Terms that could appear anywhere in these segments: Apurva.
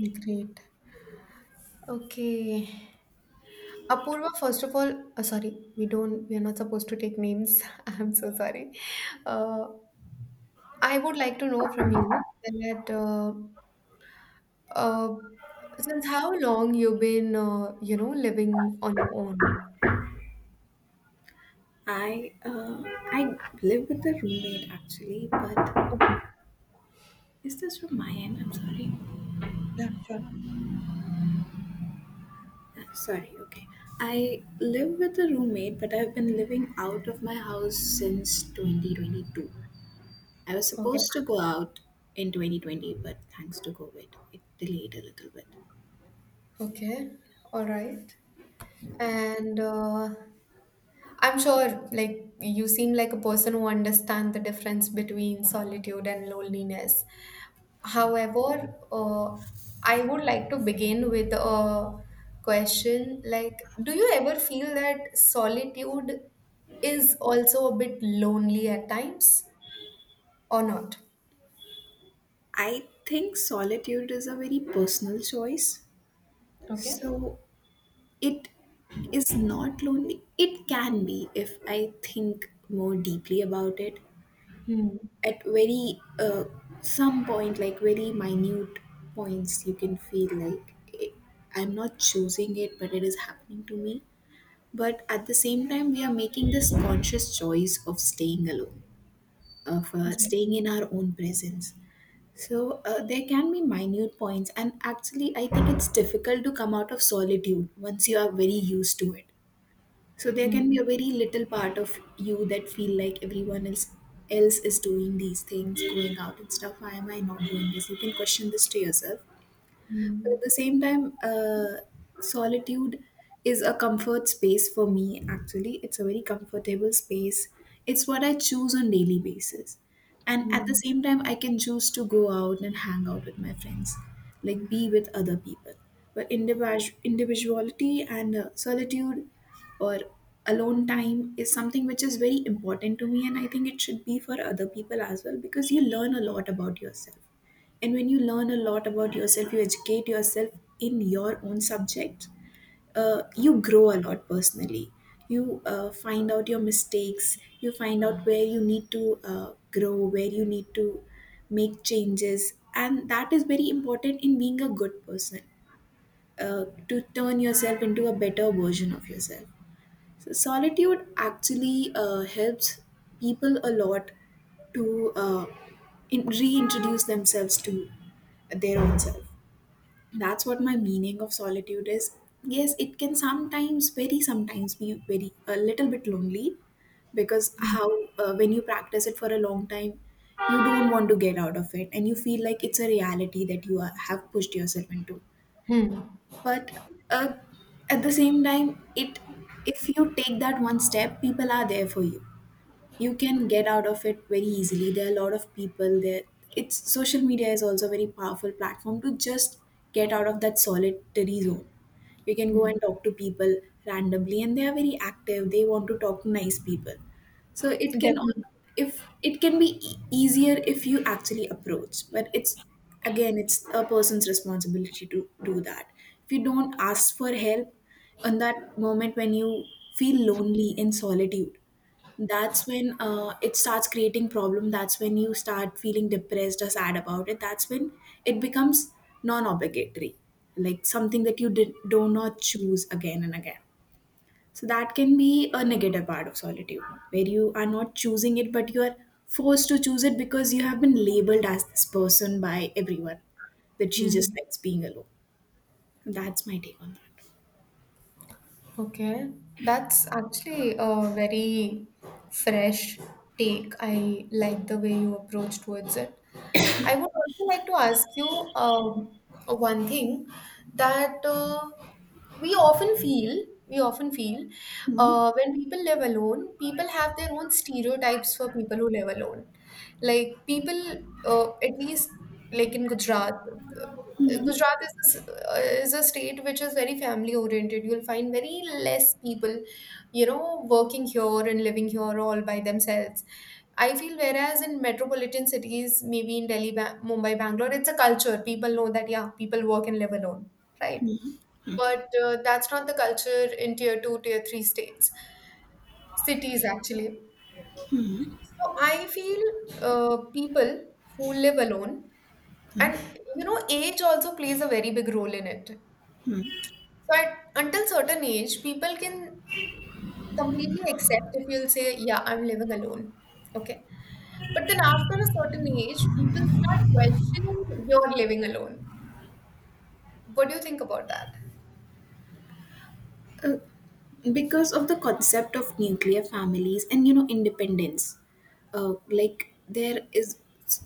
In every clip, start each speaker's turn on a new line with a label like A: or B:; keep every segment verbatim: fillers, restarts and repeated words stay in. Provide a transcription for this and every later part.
A: Great. Okay. Apurva, first of all, uh, sorry, we don't, we are not supposed to take names. I'm so sorry. Uh, I would like to know from you that uh, uh, since how long you've been, uh, you know, living on your own?
B: I uh, I live with a roommate actually, but
A: Okay.
B: is this from my end? I'm sorry.
A: Yeah, sure.
B: Uh, sorry. Okay. I live with a roommate, but I've been living out of my house since twenty twenty-two. I was
A: Okay.
B: supposed to go out in twenty twenty, but thanks to COVID, it delayed a little bit.
A: Okay. All right. And uh, I'm sure, like, you seem like a person who understands the difference between solitude and loneliness. However, uh, I would like to begin with a question like, do you ever feel that solitude is also a bit lonely at times or not?
B: I think solitude is a very personal choice.
A: Okay.
B: So it is not lonely. It can be if I think more deeply about it.
A: Hmm.
B: At very uh, some point, like very minute points, you can feel like it, I'm not choosing it, but it is happening to me. But at the same time, we are making this conscious choice of staying alone, of uh,
A: Yeah.
B: staying in our own presence. So uh, there can be minute points, and actually I think it's difficult to come out of solitude once you are very used to it. So there can
A: Hmm.
B: be a very little part of you that feel like everyone else else is doing these things, going out and stuff. Why am I not doing this? You can question this to yourself. But
A: Hmm.
B: at the same time, uh, solitude is a comfort space for me, actually. It's a very comfortable space. It's what I choose on daily basis. And at the
A: Hmm.
B: same time, I can choose to go out and hang out with my friends, like be with other people. But individu- individuality and uh, solitude or alone time is something which is very important to me, and I think it should be for other people as well, because you learn a lot about yourself. And when you learn a lot about yourself, you educate yourself in your own subject, uh, you grow a lot personally. You uh, find out your mistakes, you find out where you need to uh, grow, where you need to make changes. And that is very important in being a good person, uh, to turn yourself into a better version of yourself. So, solitude actually uh, helps people a lot to uh, in- reintroduce themselves to their own self. That's what my meaning of solitude is. Yes, it can sometimes very sometimes be very a little bit lonely, because how, uh, when you practice it for a long time, you don't want to get out of it, and you feel like it's a reality that you are, have pushed yourself into.
A: Hmm.
B: But uh, at the same time, it if you take that one step, people are there for you. You can get out of it very easily. There are a lot of people there. It's, social media is also a very powerful platform to just get out of that solitary zone. You can go
A: Hmm.
B: and talk to people randomly, and they are very active, they want to talk to nice people. So it can
A: Definitely.
B: al- if it can be e- easier if you actually approach, but it's, again, it's a person's responsibility to do that. If you don't ask for help in that moment when you feel lonely in solitude, that's when uh, it starts creating problem. That's when you start feeling depressed or sad about it. That's when it becomes non-obligatory, like something that you did, do not choose again and again. So that can be a negative part of solitude, where you are not choosing it, but you are forced to choose it because you have been labeled as this person by everyone, that she just
A: Hmm.
B: likes being alone. That's my take on
A: Okay. That's actually a very fresh take. I like the way you approach towards it. I would also like to ask you um, one thing that uh, we often feel, we often feel uh, when people live alone, people have their own stereotypes for people who live alone. Like people, uh, at least like in Gujarat, uh, Gujarat is a, s- uh, is a state which is very family oriented. You'll find very less people, you know, working here and living here all by themselves. I feel whereas in metropolitan cities, maybe in Delhi, ba- Mumbai, Bangalore, it's a culture. People know that, yeah, people work and live alone, right? But uh, that's not the culture in tier two, tier three states, cities actually. So I feel uh, people who live alone, and you know, age also plays a very big role in it. So at, until certain age, people can completely accept if you'll say, "Yeah, I'm living alone." Okay, but then after a certain age, people start questioning your living alone. What do you think about that?
B: that. Because of the concept of nuclear families and, you know, independence, uh, like there is,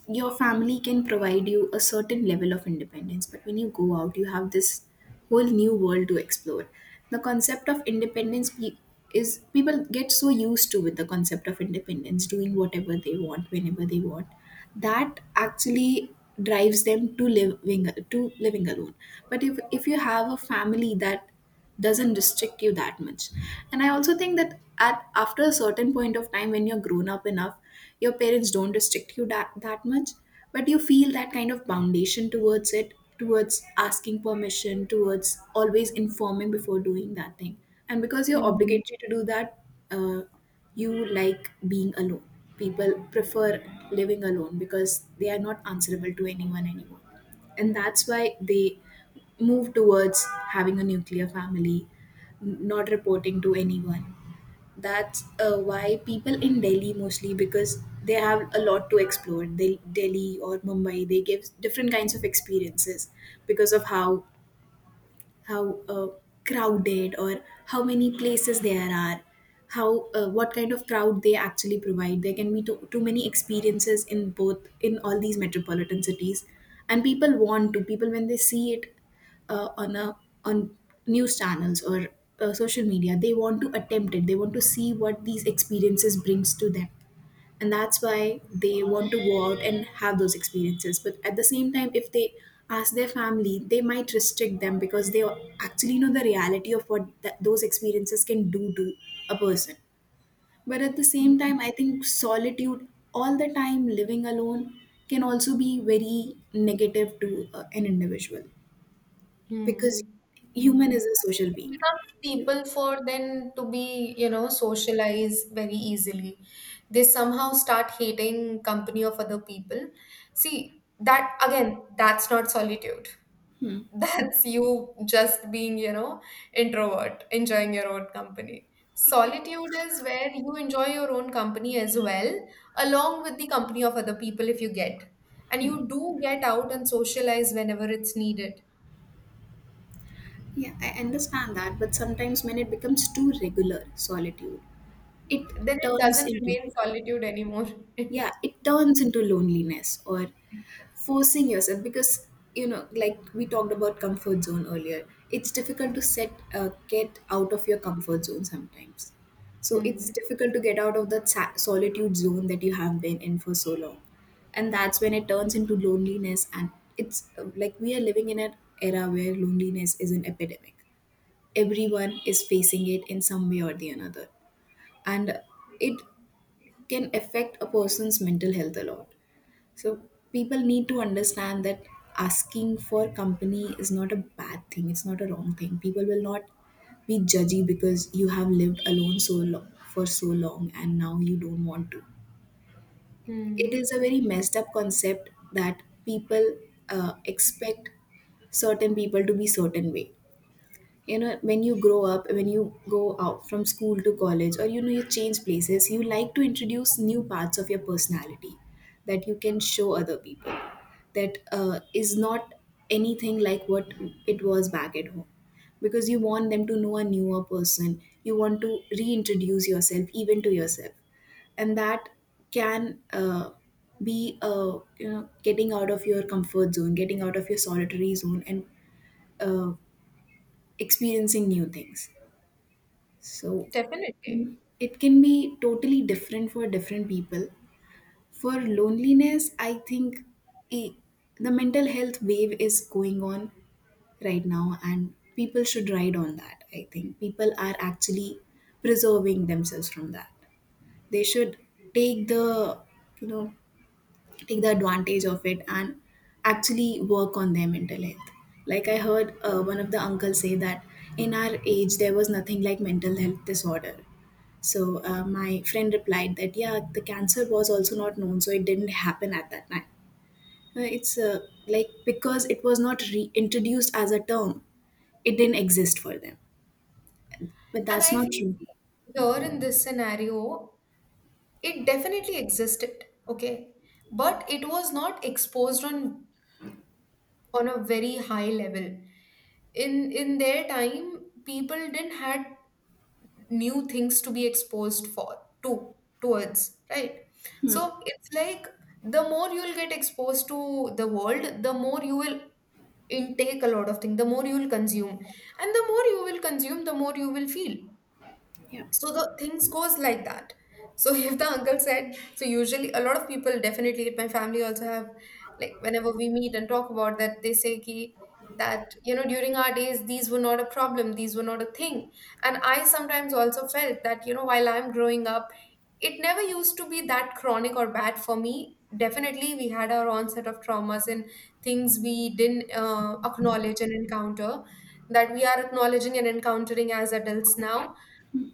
B: your family can provide you a certain level of independence, but when you go out, you have this whole new world to explore. The concept of independence pe- is people get so used to with the concept of independence, doing whatever they want whenever they want, that actually drives them to living to living alone. But if if you have a family that doesn't restrict you that much. And I also think that at after a certain point of time, when you're grown up enough, your parents don't restrict you that, that much, but you feel that kind of foundation towards it, towards asking permission, towards always informing before doing that thing, and because you're
A: Hmm.
B: obligatory to do that, uh, you like being alone. People prefer living alone because they are not answerable to anyone anymore, and that's why they move towards having a nuclear family, n- not reporting to anyone. That's uh, why people in Delhi mostly, because they have a lot to explore. They, Delhi or Mumbai, they give different kinds of experiences because of how how uh, crowded, or how many places there are, how uh, what kind of crowd they actually provide. There can be too, too many experiences in both in all these metropolitan cities, and people want to people, when they see it uh, on a on news channels or uh, social media, they want to attempt it, they want to see what these experiences brings to them. And that's why they want to go out and have those experiences. But at the same time, if they ask their family, they might restrict them, because they actually know the reality of what that those experiences can do to a person. But at the same time, I think solitude all the time, living alone, can also be very negative to uh, an individual, because
A: Hmm.
B: human is
A: Hmm.
B: a social being.
A: Becomes
B: You-
A: people for them to be, you know, socialize very easily, they somehow start hating company of other people. See, that again, that's not solitude. That's you just being, you know, introvert, enjoying your own company.
B: yeah
A: Solitude is where you enjoy your own company as well, along with the company of other people if you get, and you do get out and socialize whenever it's needed.
B: yeah, I understand that, but sometimes when it becomes too regular, solitude, it
A: Then it
B: turns
A: doesn't
B: into,
A: remain solitude anymore.
B: yeah, it turns into loneliness, or forcing yourself, because, you know, like we talked about comfort zone earlier, it's difficult to set uh, get out of your comfort zone sometimes. So it's
A: Hmm.
B: difficult to get out of that sa- solitude zone that you have been in for so long. And that's when it turns into loneliness. And it's uh, like, we are living in an era where loneliness is an epidemic. Everyone is facing it in some way or the another, and it can affect a person's mental health a lot. So people need to understand that asking for company is not a bad thing. It's not a wrong thing. People will not be judgy because you have lived alone so long for so long and now you don't want to. It
A: Hmm.
B: is a very messed up concept that people uh, expect certain people to be certain way. You know, when you grow up, when you go out from school to college, or, you know, you change places, you like to introduce new parts of your personality that you can show other people, that uh, is not anything like what it was back at home, because you want them to know a newer person, you want to reintroduce yourself even to yourself. And that can, uh, be uh, you know, getting out of your comfort zone, getting out of your solitary zone, and uh, experiencing new things. So
A: Definitely.
B: it can be totally different for different people. For loneliness, I think i- the mental health wave is going on right now, and people should ride on that. I think people are actually preserving themselves from that. They should take the, you know, take the advantage of it and actually work on their mental health. Like I heard uh, one of the uncles say that in our age there was nothing like mental health disorder. So uh, my friend replied that, yeah, the cancer was also not known, so it didn't happen at that time. Uh, it's uh, like, because it was not reintroduced as a term, it didn't exist for them. But
A: And
B: that's
A: I
B: not
A: feel,
B: true.
A: see, here in this scenario, it definitely existed, okay? But it was not exposed on on a very high level. In in their time, people didn't had new things to be exposed for to towards, right? So it's like the more you'll get exposed to the world, the more you will intake a lot of things, the more you will consume. And the more you will consume, the more you will feel.
B: Yeah.
A: So the things goes like that. So if the uncle said, so usually a lot of people, definitely my family also have, like whenever we meet and talk about that, they say ki, that, you know, during our days these were not a problem, these were not a thing. And I sometimes also felt that, you know, while I'm growing up, it never used to be that chronic or bad for me. Definitely, we had our own set of traumas and things we didn't uh, acknowledge and encounter that we are acknowledging and encountering as adults now.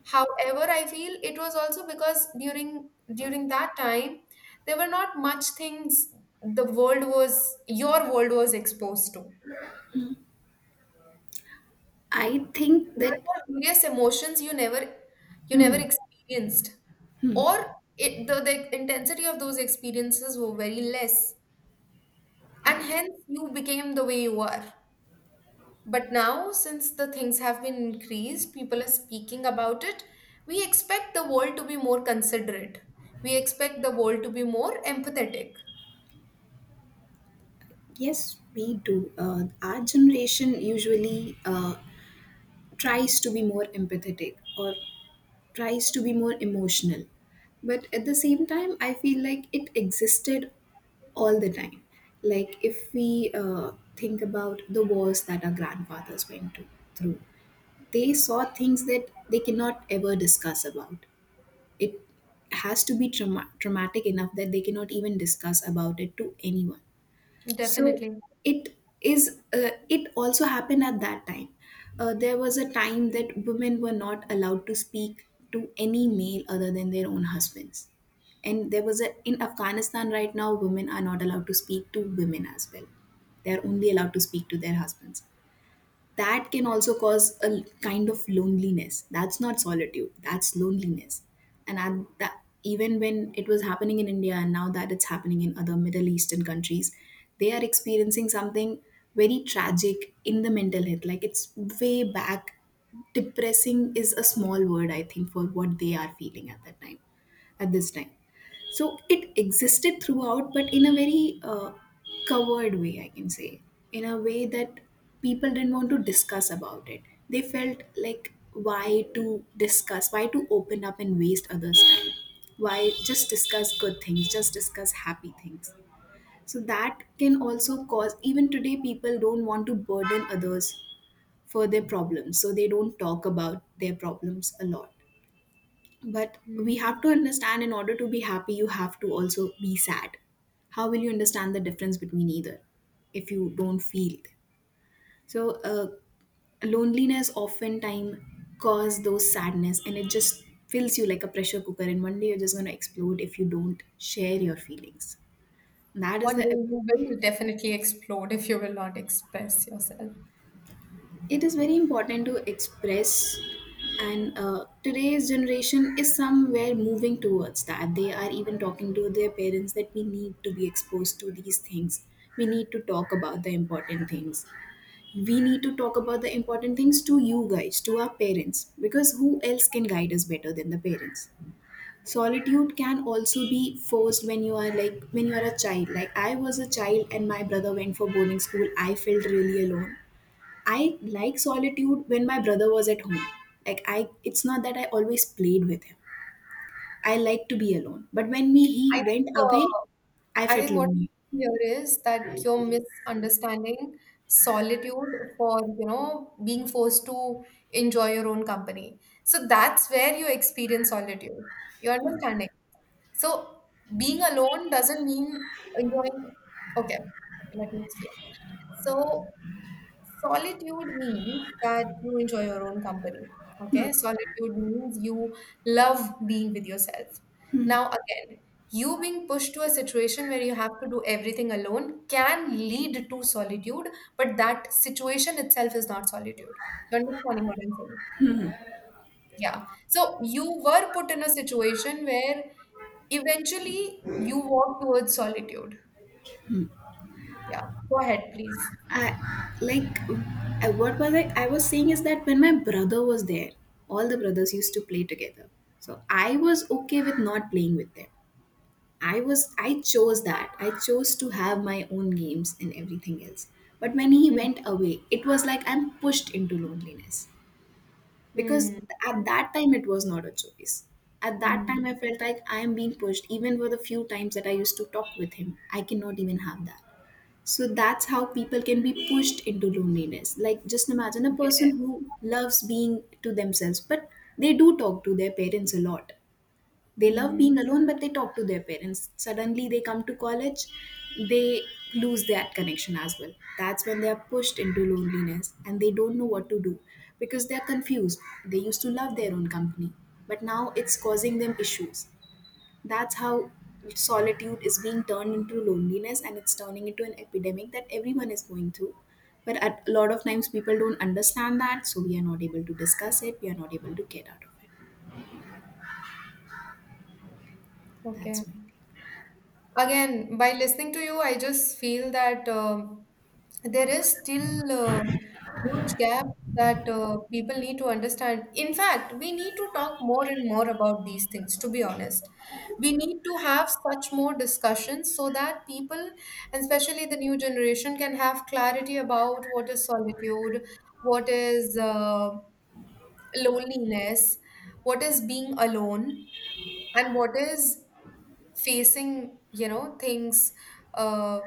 A: However, I feel it was also because during during that time there were not much things the world was your world was exposed to.
B: I think
A: There
B: that
A: were various emotions you never, you never experienced, or it, the the intensity of those experiences were very less, and hence you became the way you are. But now, since the things have been increased, people are speaking about it. We expect the world to be more considerate. We expect the world to be more empathetic.
B: yes, we do. Uh, our generation usually uh, tries to be more empathetic or tries to be more emotional. But at the same time, I feel like it existed all the time. Like if we uh, think about the wars that our grandfathers went to, through, they saw things that they cannot ever discuss about. It has to be trauma- traumatic enough that they cannot even discuss about it to anyone, so
A: Definitely.
B: it is uh, it also happened at that time. Uh, there was a time that women were not allowed to speak to any male other than their own husbands, and there was a in Afghanistan right now women are not allowed to speak to women as well. They are only allowed to speak to their husbands. That can also cause a kind of loneliness. That's not solitude, that's loneliness. And at that even when it was happening in India, and now that it's happening in other Middle Eastern countries, they are experiencing something very tragic in the mental health. Like, it's way back. Depressing is a small word, I think, for what they are feeling at that time, at this time. So it existed throughout, but in a very uh, covered way, I can say, in a way that people didn't want to discuss about it. They felt like, why to discuss, why to open up and waste others' time? Why just discuss good things, just discuss happy things? So that can also cause, even today, people don't want to burden others for their problems. So they don't talk about their problems a lot. But we
A: Mm.
B: have to understand, in order to be happy, you have to also be sad. How will you understand the difference between either if you don't feel it? So uh, loneliness oftentimes cause those sadness, and it just fills you like a pressure cooker, and one day you're just going to explode if you don't share your feelings. That is
A: One day
B: the
A: you will definitely explode if you will not express yourself.
B: it is very important to express. And uh, today's generation is somewhere moving towards that. They are even talking to their parents that we need to be exposed to these things, we need to talk about the important things, we need to talk about the important things to you guys, to our parents, because who else can guide us better than the parents? Solitude can also be forced when you are like, when you are a child. Like, I was a child and my brother went for boarding school, I felt really alone. I like solitude when my brother was at home. Like I it's not that I always played with him. I like to be alone. But when me
A: I
B: he
A: think,
B: went away,
A: uh,
B: I
A: I
B: felt
A: think what
B: lonely.
A: here is that you're misunderstanding solitude for, you know, being forced to enjoy your own company. So that's where you experience solitude. You understand? So being alone doesn't mean enjoying. Okay, okay, let me explain. So solitude means that you enjoy your own company. Okay, solitude means you love being with yourself. Now, again, you being pushed to a situation where you have to do everything alone can lead to solitude, but that situation itself is not solitude. You're understanding what I'm saying? Yeah. So you were put in a situation where eventually, you walk towards solitude. Yeah, go ahead, please.
B: I like I, what was I I was saying is that when my brother was there, all the brothers used to play together. So I was okay with not playing with them. I was I chose that. I chose to have my own games and everything else. But when he
A: Hmm.
B: went away, it was like I'm pushed into loneliness, because
A: Hmm.
B: at that time it was not a choice. At that
A: Hmm.
B: time I felt like I am being pushed. Even for the few times that I used to talk with him, I cannot even have that. So that's how people can be pushed into loneliness. Like, just imagine a person who
A: Yes.
B: loves being to themselves, but they do talk to their parents a lot. They love
A: Hmm.
B: being alone, but they talk to their parents. Suddenly they come to college, they lose that connection as well. That's when they are pushed into loneliness and they don't know what to do, because they are confused. They used to love their own company, but now it's causing them issues. That's how solitude is being turned into loneliness, and it's turning into an epidemic that everyone is going through. But at, a lot of times people don't understand that, so we are not able to discuss it, we are not able to get out of it.
A: Okay.
B: That's me.
A: Again, by listening to you I just feel that um, there is still a huge gap that uh, people need to understand. In fact, we need to talk more and more about these things, to be honest. We need to have such more discussions so that people, and especially the new generation, can have clarity about what is solitude, what is uh, loneliness, what is being alone, and what is facing, you know, things uh,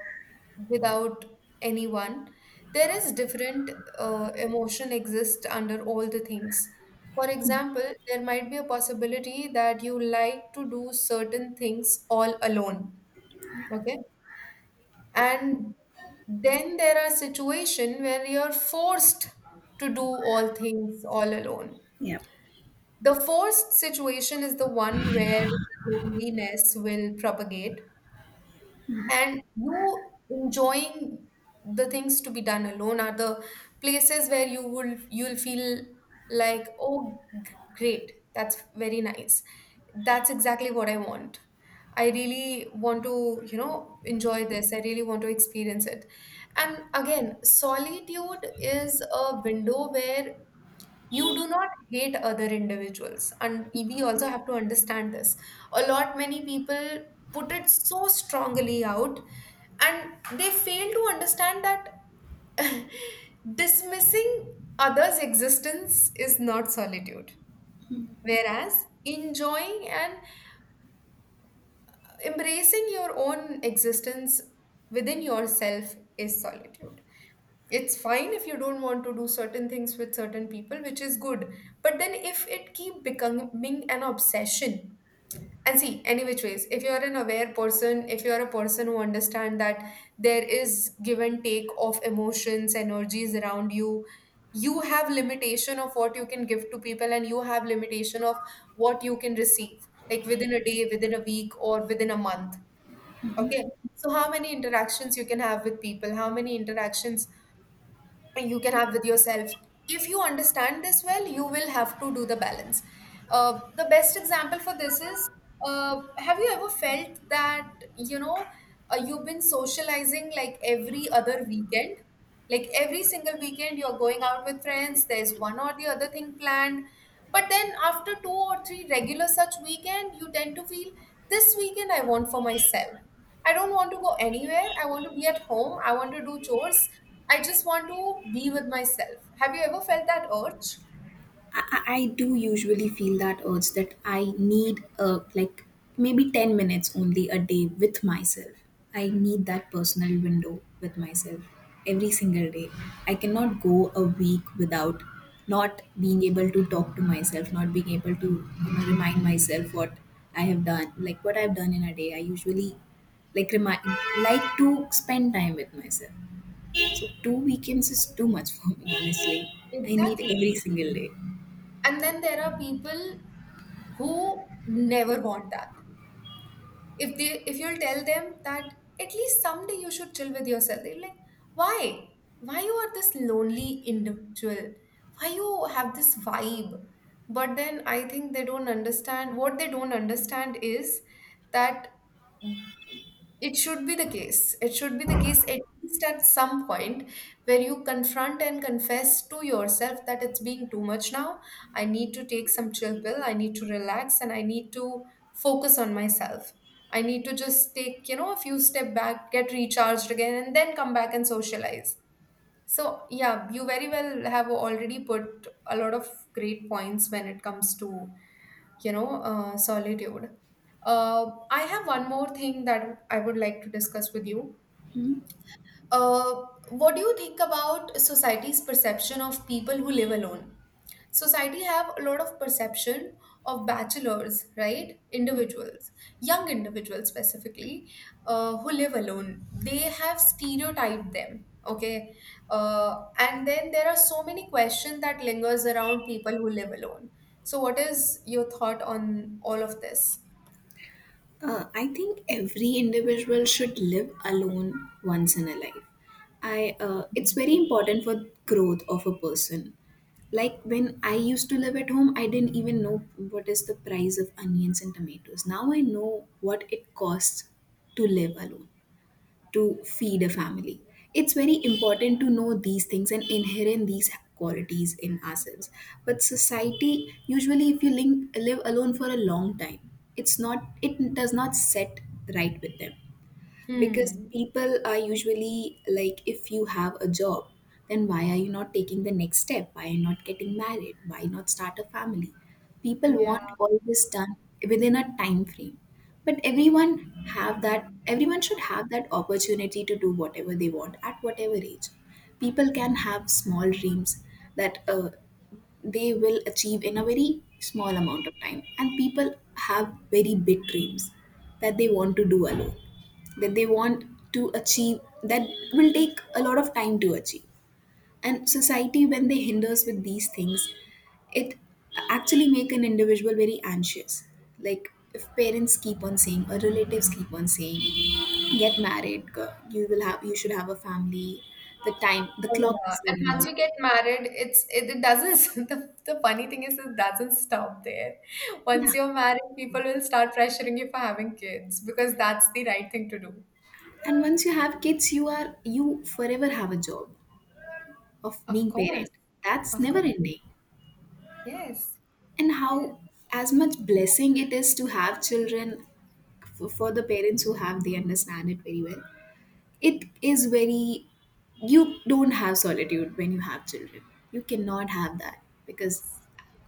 A: without anyone. There is different uh, emotion exist under all the things. For example, there might be a possibility that you like to do certain things all alone, okay, and then there are situation where you're forced to do all things all alone.
B: Yeah,
A: The forced situation is the one where loneliness will propagate, and you enjoying the things to be done alone are the places where you will, you'll feel like, oh, g- great, that's very nice, that's exactly what I want, I really want to, you know, enjoy this, I really want to experience it. And again, solitude is a window where you do not hate other individuals, and we also have to understand this. A lot many people put it so strongly out, and they fail to understand that dismissing others' existence is not solitude. Whereas enjoying and embracing your own existence within yourself is solitude. It's fine if you don't want to do certain things with certain people, which is good. But then if it keep becoming an obsession, and see any which ways, if you're an aware person, if you're a person who understand that there is give and take of emotions, energies around you, you have limitation of what you can give to people and you have limitation of what you can receive, like within a day, within a week, or within a month, okay, so how many interactions you can have with people, how many interactions you can have with yourself. If you understand this well, you will have to do the balance. Uh, the best example for this is uh, have you ever felt that, you know, uh, you've been socializing like every other weekend? Like every single weekend, you're going out with friends, there's one or the other thing planned. But then after two or three regular such weekend, you tend to feel this weekend I want for myself. I don't want to go anywhere. I want to be at home. I want to do chores. I just want to be with myself. Have you ever felt that urge?
B: I, I do usually feel that urge that I need uh, like maybe ten minutes only a day with myself. I need that personal window with myself every single day. I cannot go a week without not being able to talk to myself, not being able to, you know, remind myself what I have done, like what I've done in a day. I usually like remind like to spend time with myself. So two weekends is too much for me, honestly. I need
A: Exactly.
B: every single day.
A: And then there are people who never want that. If they if you'll tell them that at least someday you should chill with yourself, they're like, why? Why you are this lonely individual? Why you have this vibe? But then I think they don't understand, what they don't understand is that it should be the case. It should be the case at least at some point where you confront and confess to yourself that it's being too much now. I need to take some chill pill. I need to relax and I need to focus on myself. I need to just take, you know, a few step back, get recharged again, and then come back and socialize. So, yeah, you very well have already put a lot of great points when it comes to, you know, uh, solitude. Uh, I have one more thing that I would like to discuss with you.
B: Hmm?
A: Uh, what do you think about society's perception of people who live alone? Society have a lot of perception of bachelors, right, individuals, young individuals specifically, uh, who live alone, they have stereotyped them, okay, uh, and then there are so many questions that lingers around people who live alone. So what is your thought on all of this?
B: Uh, I think every individual should live alone once in a life. I uh, It's very important for growth of a person. Like, when I used to live at home, I didn't even know what is the price of onions and tomatoes. Now I know what it costs to live alone, to feed a family. It's very important to know these things and inherent these qualities in ourselves. But society, usually, if you link, live alone for a long time, it's not it does not set right with them, because
A: Hmm.
B: people are usually like, if you have a job, then why are you not taking the next step? Why are you not getting married? Why not start a family? People
A: Yeah.
B: want all this done within a time frame. But everyone have that everyone should have that opportunity to do whatever they want at whatever age. People can have small dreams that uh, they will achieve in a very small amount of time. And people have very big dreams that they want to do alone, that they want to achieve, that will take a lot of time to achieve. And society, when they hinders with these things, it actually make an individual very anxious. Like, if parents keep on saying or relatives keep on saying, get married, go- you will have, you should have a family. The time, the
A: Oh,
B: clock
A: yeah.
B: is
A: And
B: running
A: once
B: out.
A: you get married, it's it, it doesn't. The, the funny thing is, it doesn't stop there. Once
B: Yeah,
A: you're married, people will start pressuring you for having kids because that's the right thing to do.
B: and once you have kids, you are you forever have a job of
A: Of
B: being
A: course,
B: parent. That's
A: of
B: never
A: course.
B: ending.
A: Yes,
B: And
A: yes,
B: how as much blessing it is to have children, for, for the parents who have, they understand it very well. It is very you don't have solitude when you have children. You cannot have that, because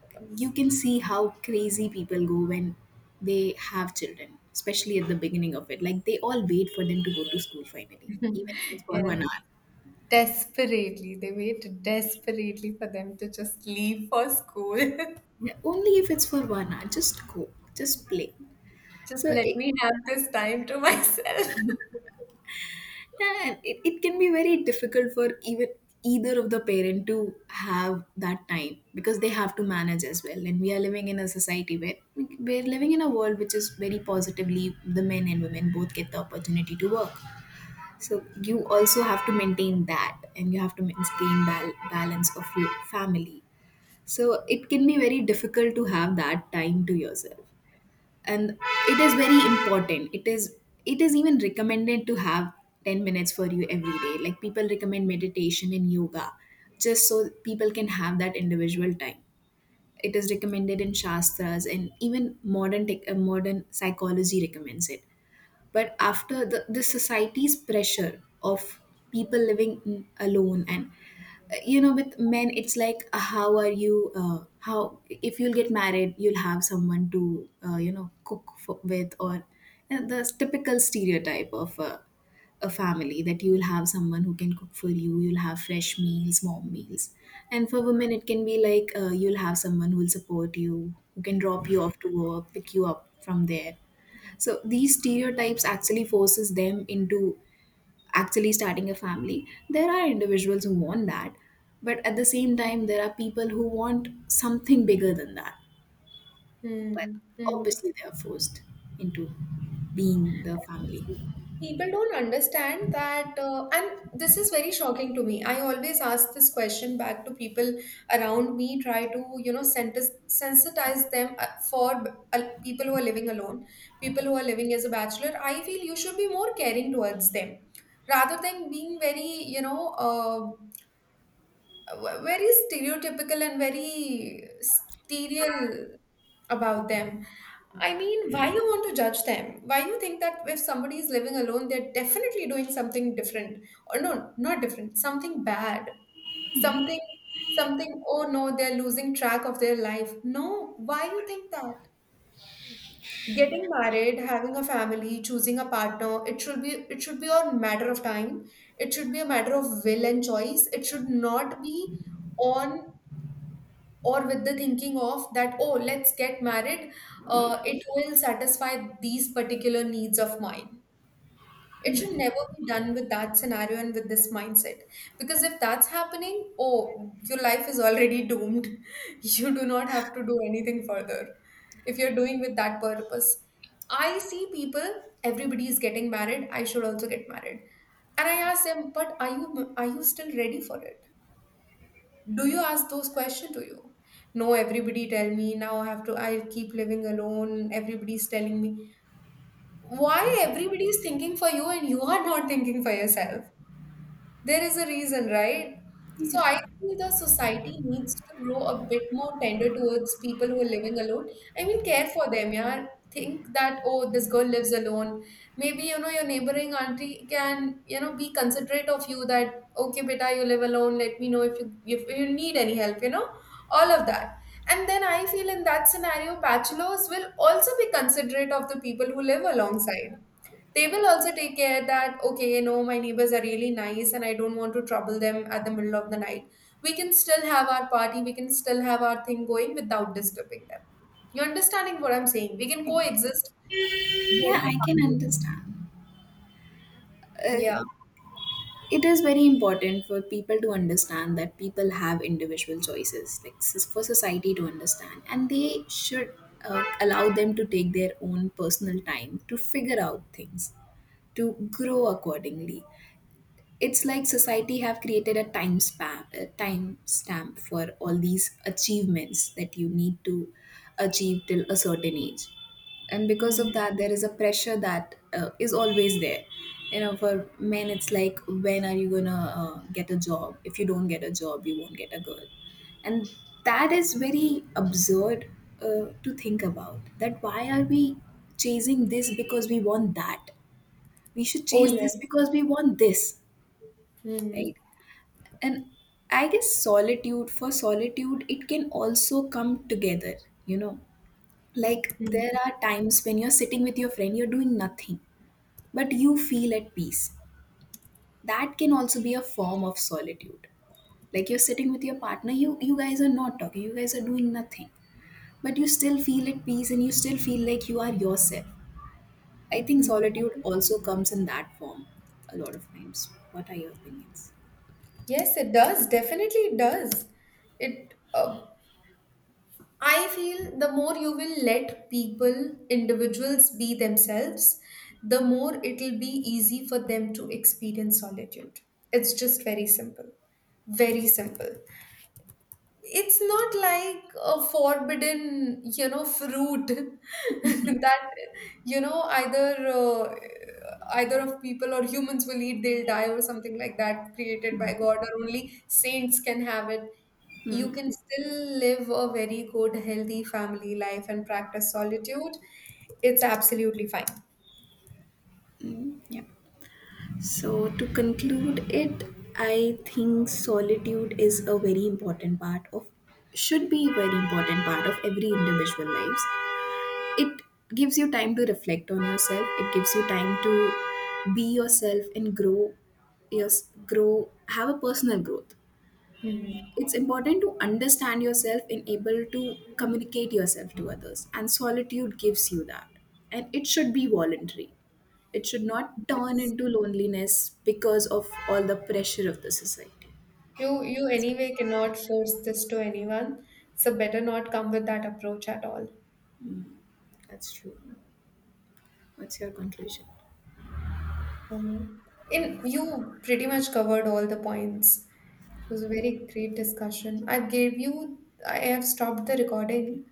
A: of
B: you
A: course.
B: can see how crazy people go when they have children, especially at the beginning of it. Like, they all wait for them to go to school finally, even if it's for
A: Yes,
B: one hour.
A: desperately. They wait desperately for them to just leave for school.
B: Yeah, only if it's for one hour. Just go, just play.
A: Just
B: So
A: let
B: it,
A: me have this time to myself.
B: yeah, it, it can be very difficult for even either of the parent to have that time, because they have to manage as well. And we are living in a society where we- we're living in a world which is very positively the men and women both get the opportunity to work. So you also have to maintain that, and you have to maintain bal- balance of your family. So it can be very difficult to have that time to yourself. And it is very important, it is it is even recommended to have ten minutes for you every day, like people recommend meditation and yoga, just so people can have that individual time. It is recommended in shastras, and even modern tech, uh, modern psychology recommends it. But after the, the society's pressure of people living alone, and you know, with men it's like, uh, how are you uh, how, if you'll get married you'll have someone to uh, you know, cook for, with, or uh, the typical stereotype of uh, a family, that you will have someone who can cook for you, you'll have fresh meals, warm meals. And for women it can be like, uh, you'll have someone who will support you, who can drop you off to work, pick you up from there. So these stereotypes actually forces them into actually starting a family. There are individuals who want that, but at the same time, there are people who want something bigger than that. But
A: Hmm. Hmm.
B: obviously, they are forced into being the family.
A: See, people don't understand that, uh, and this is very shocking to me. I always ask this question back to people around me, try to, you know, sentis- sensitize them uh, for uh, people who are living alone, people who are living as a bachelor. I feel you should be more caring towards them rather than being very, you know, uh, v- very stereotypical and very sterile about them. I mean, why you want to judge them? Why you think that if somebody is living alone, they're definitely doing something different, or no, not different, something bad, something, something. Oh no, they're losing track of their life. No, why you think that? Getting married, having a family, choosing a partner, it should be it should be a matter of time. It should be a matter of will and choice. It should not be on or with the thinking of that, oh, let's get married, uh, it will satisfy these particular needs of mine. It should never be done with that scenario and with this mindset, because if that's happening, oh, your life is already doomed. You do not have to do anything further if you're doing with that purpose. I see people, everybody is getting married, I should also get married. And I ask them, but are you are you still ready for it? Do you ask those questions to you? No, everybody tell me now I have to, I'll keep living alone, everybody's telling me. Why? Everybody is thinking for you and you are not thinking for yourself. There is a reason, right? So I feel the society needs to grow a bit more tender towards people who are living alone. I mean, care for them, yeah. Think that, oh, this girl lives alone. Maybe, you know, your neighboring auntie can, you know, be considerate of you that, okay, beta, you live alone. Let me know if you, if you need any help, you know, all of that. And then I feel in that scenario, bachelors will also be considerate of the people who live alongside. They will also take care that, okay, you know, my neighbors are really nice and I don't want to trouble them at the middle of the night. We can still have our party, we can still have our thing going without disturbing them. You understanding what I'm saying? We can coexist,
B: Yeah,
A: very
B: I can
A: harmless.
B: understand. Uh,
A: Yeah.
B: it is very important for people to understand that people have individual choices, like s- for society to understand, and they should uh, allow them to take their own personal time to figure out things, to grow accordingly. It's like society have created a time span, a time stamp for all these achievements that you need to achieve till a certain age, and because
A: Mm.
B: of that there is a pressure that uh, is always there. You know, for men it's like, when are you gonna uh, get a job? If you don't get a job, you won't get a girl. And that is very absurd uh, to think about. That why are we chasing this because we want that? We should
A: Oh
B: chase this
A: yes.
B: because we want this,
A: Mm.
B: right? And I guess solitude for solitude, it can also come together, you know. Like,
A: Mm.
B: there are times when you're sitting with your friend, you're doing nothing, but you feel at peace. That can also be a form of solitude. Like, you're sitting with your partner, you you guys are not talking, you guys are doing nothing, but you still feel at peace and you still feel like you are yourself. I think
A: Mm.
B: solitude also comes in that form a lot of times. What are your opinions?
A: Yes it does, definitely it does. It uh, I feel the more you will let people, individuals be themselves, the more it'll be easy for them to experience solitude. It's just very simple. Very simple, it's not like a forbidden, you know, fruit that, you know, either uh, either of people or humans will eat they'll die or something like that, created by god, or only saints can have it. You can still live a very good healthy family life and practice solitude. It's absolutely fine.
B: Mm, yeah. So, to conclude it, I think solitude is a very important part of, should be a very important part of every individual lives. It gives you time to reflect on yourself. It gives you time to be yourself and grow, yes, grow, have a personal growth.
A: Hmm.
B: It's important to understand yourself and able to communicate yourself to others, and solitude gives you that. And it should be voluntary. It should not turn into loneliness because of all the pressure of the society.
A: you you
B: that's,
A: anyway cannot force this to anyone, so better not come with that approach at all.
B: that's true. What's your conclusion?
A: Um, in you pretty much covered all the points. It was a very great discussion. I gave you, I have stopped the recording.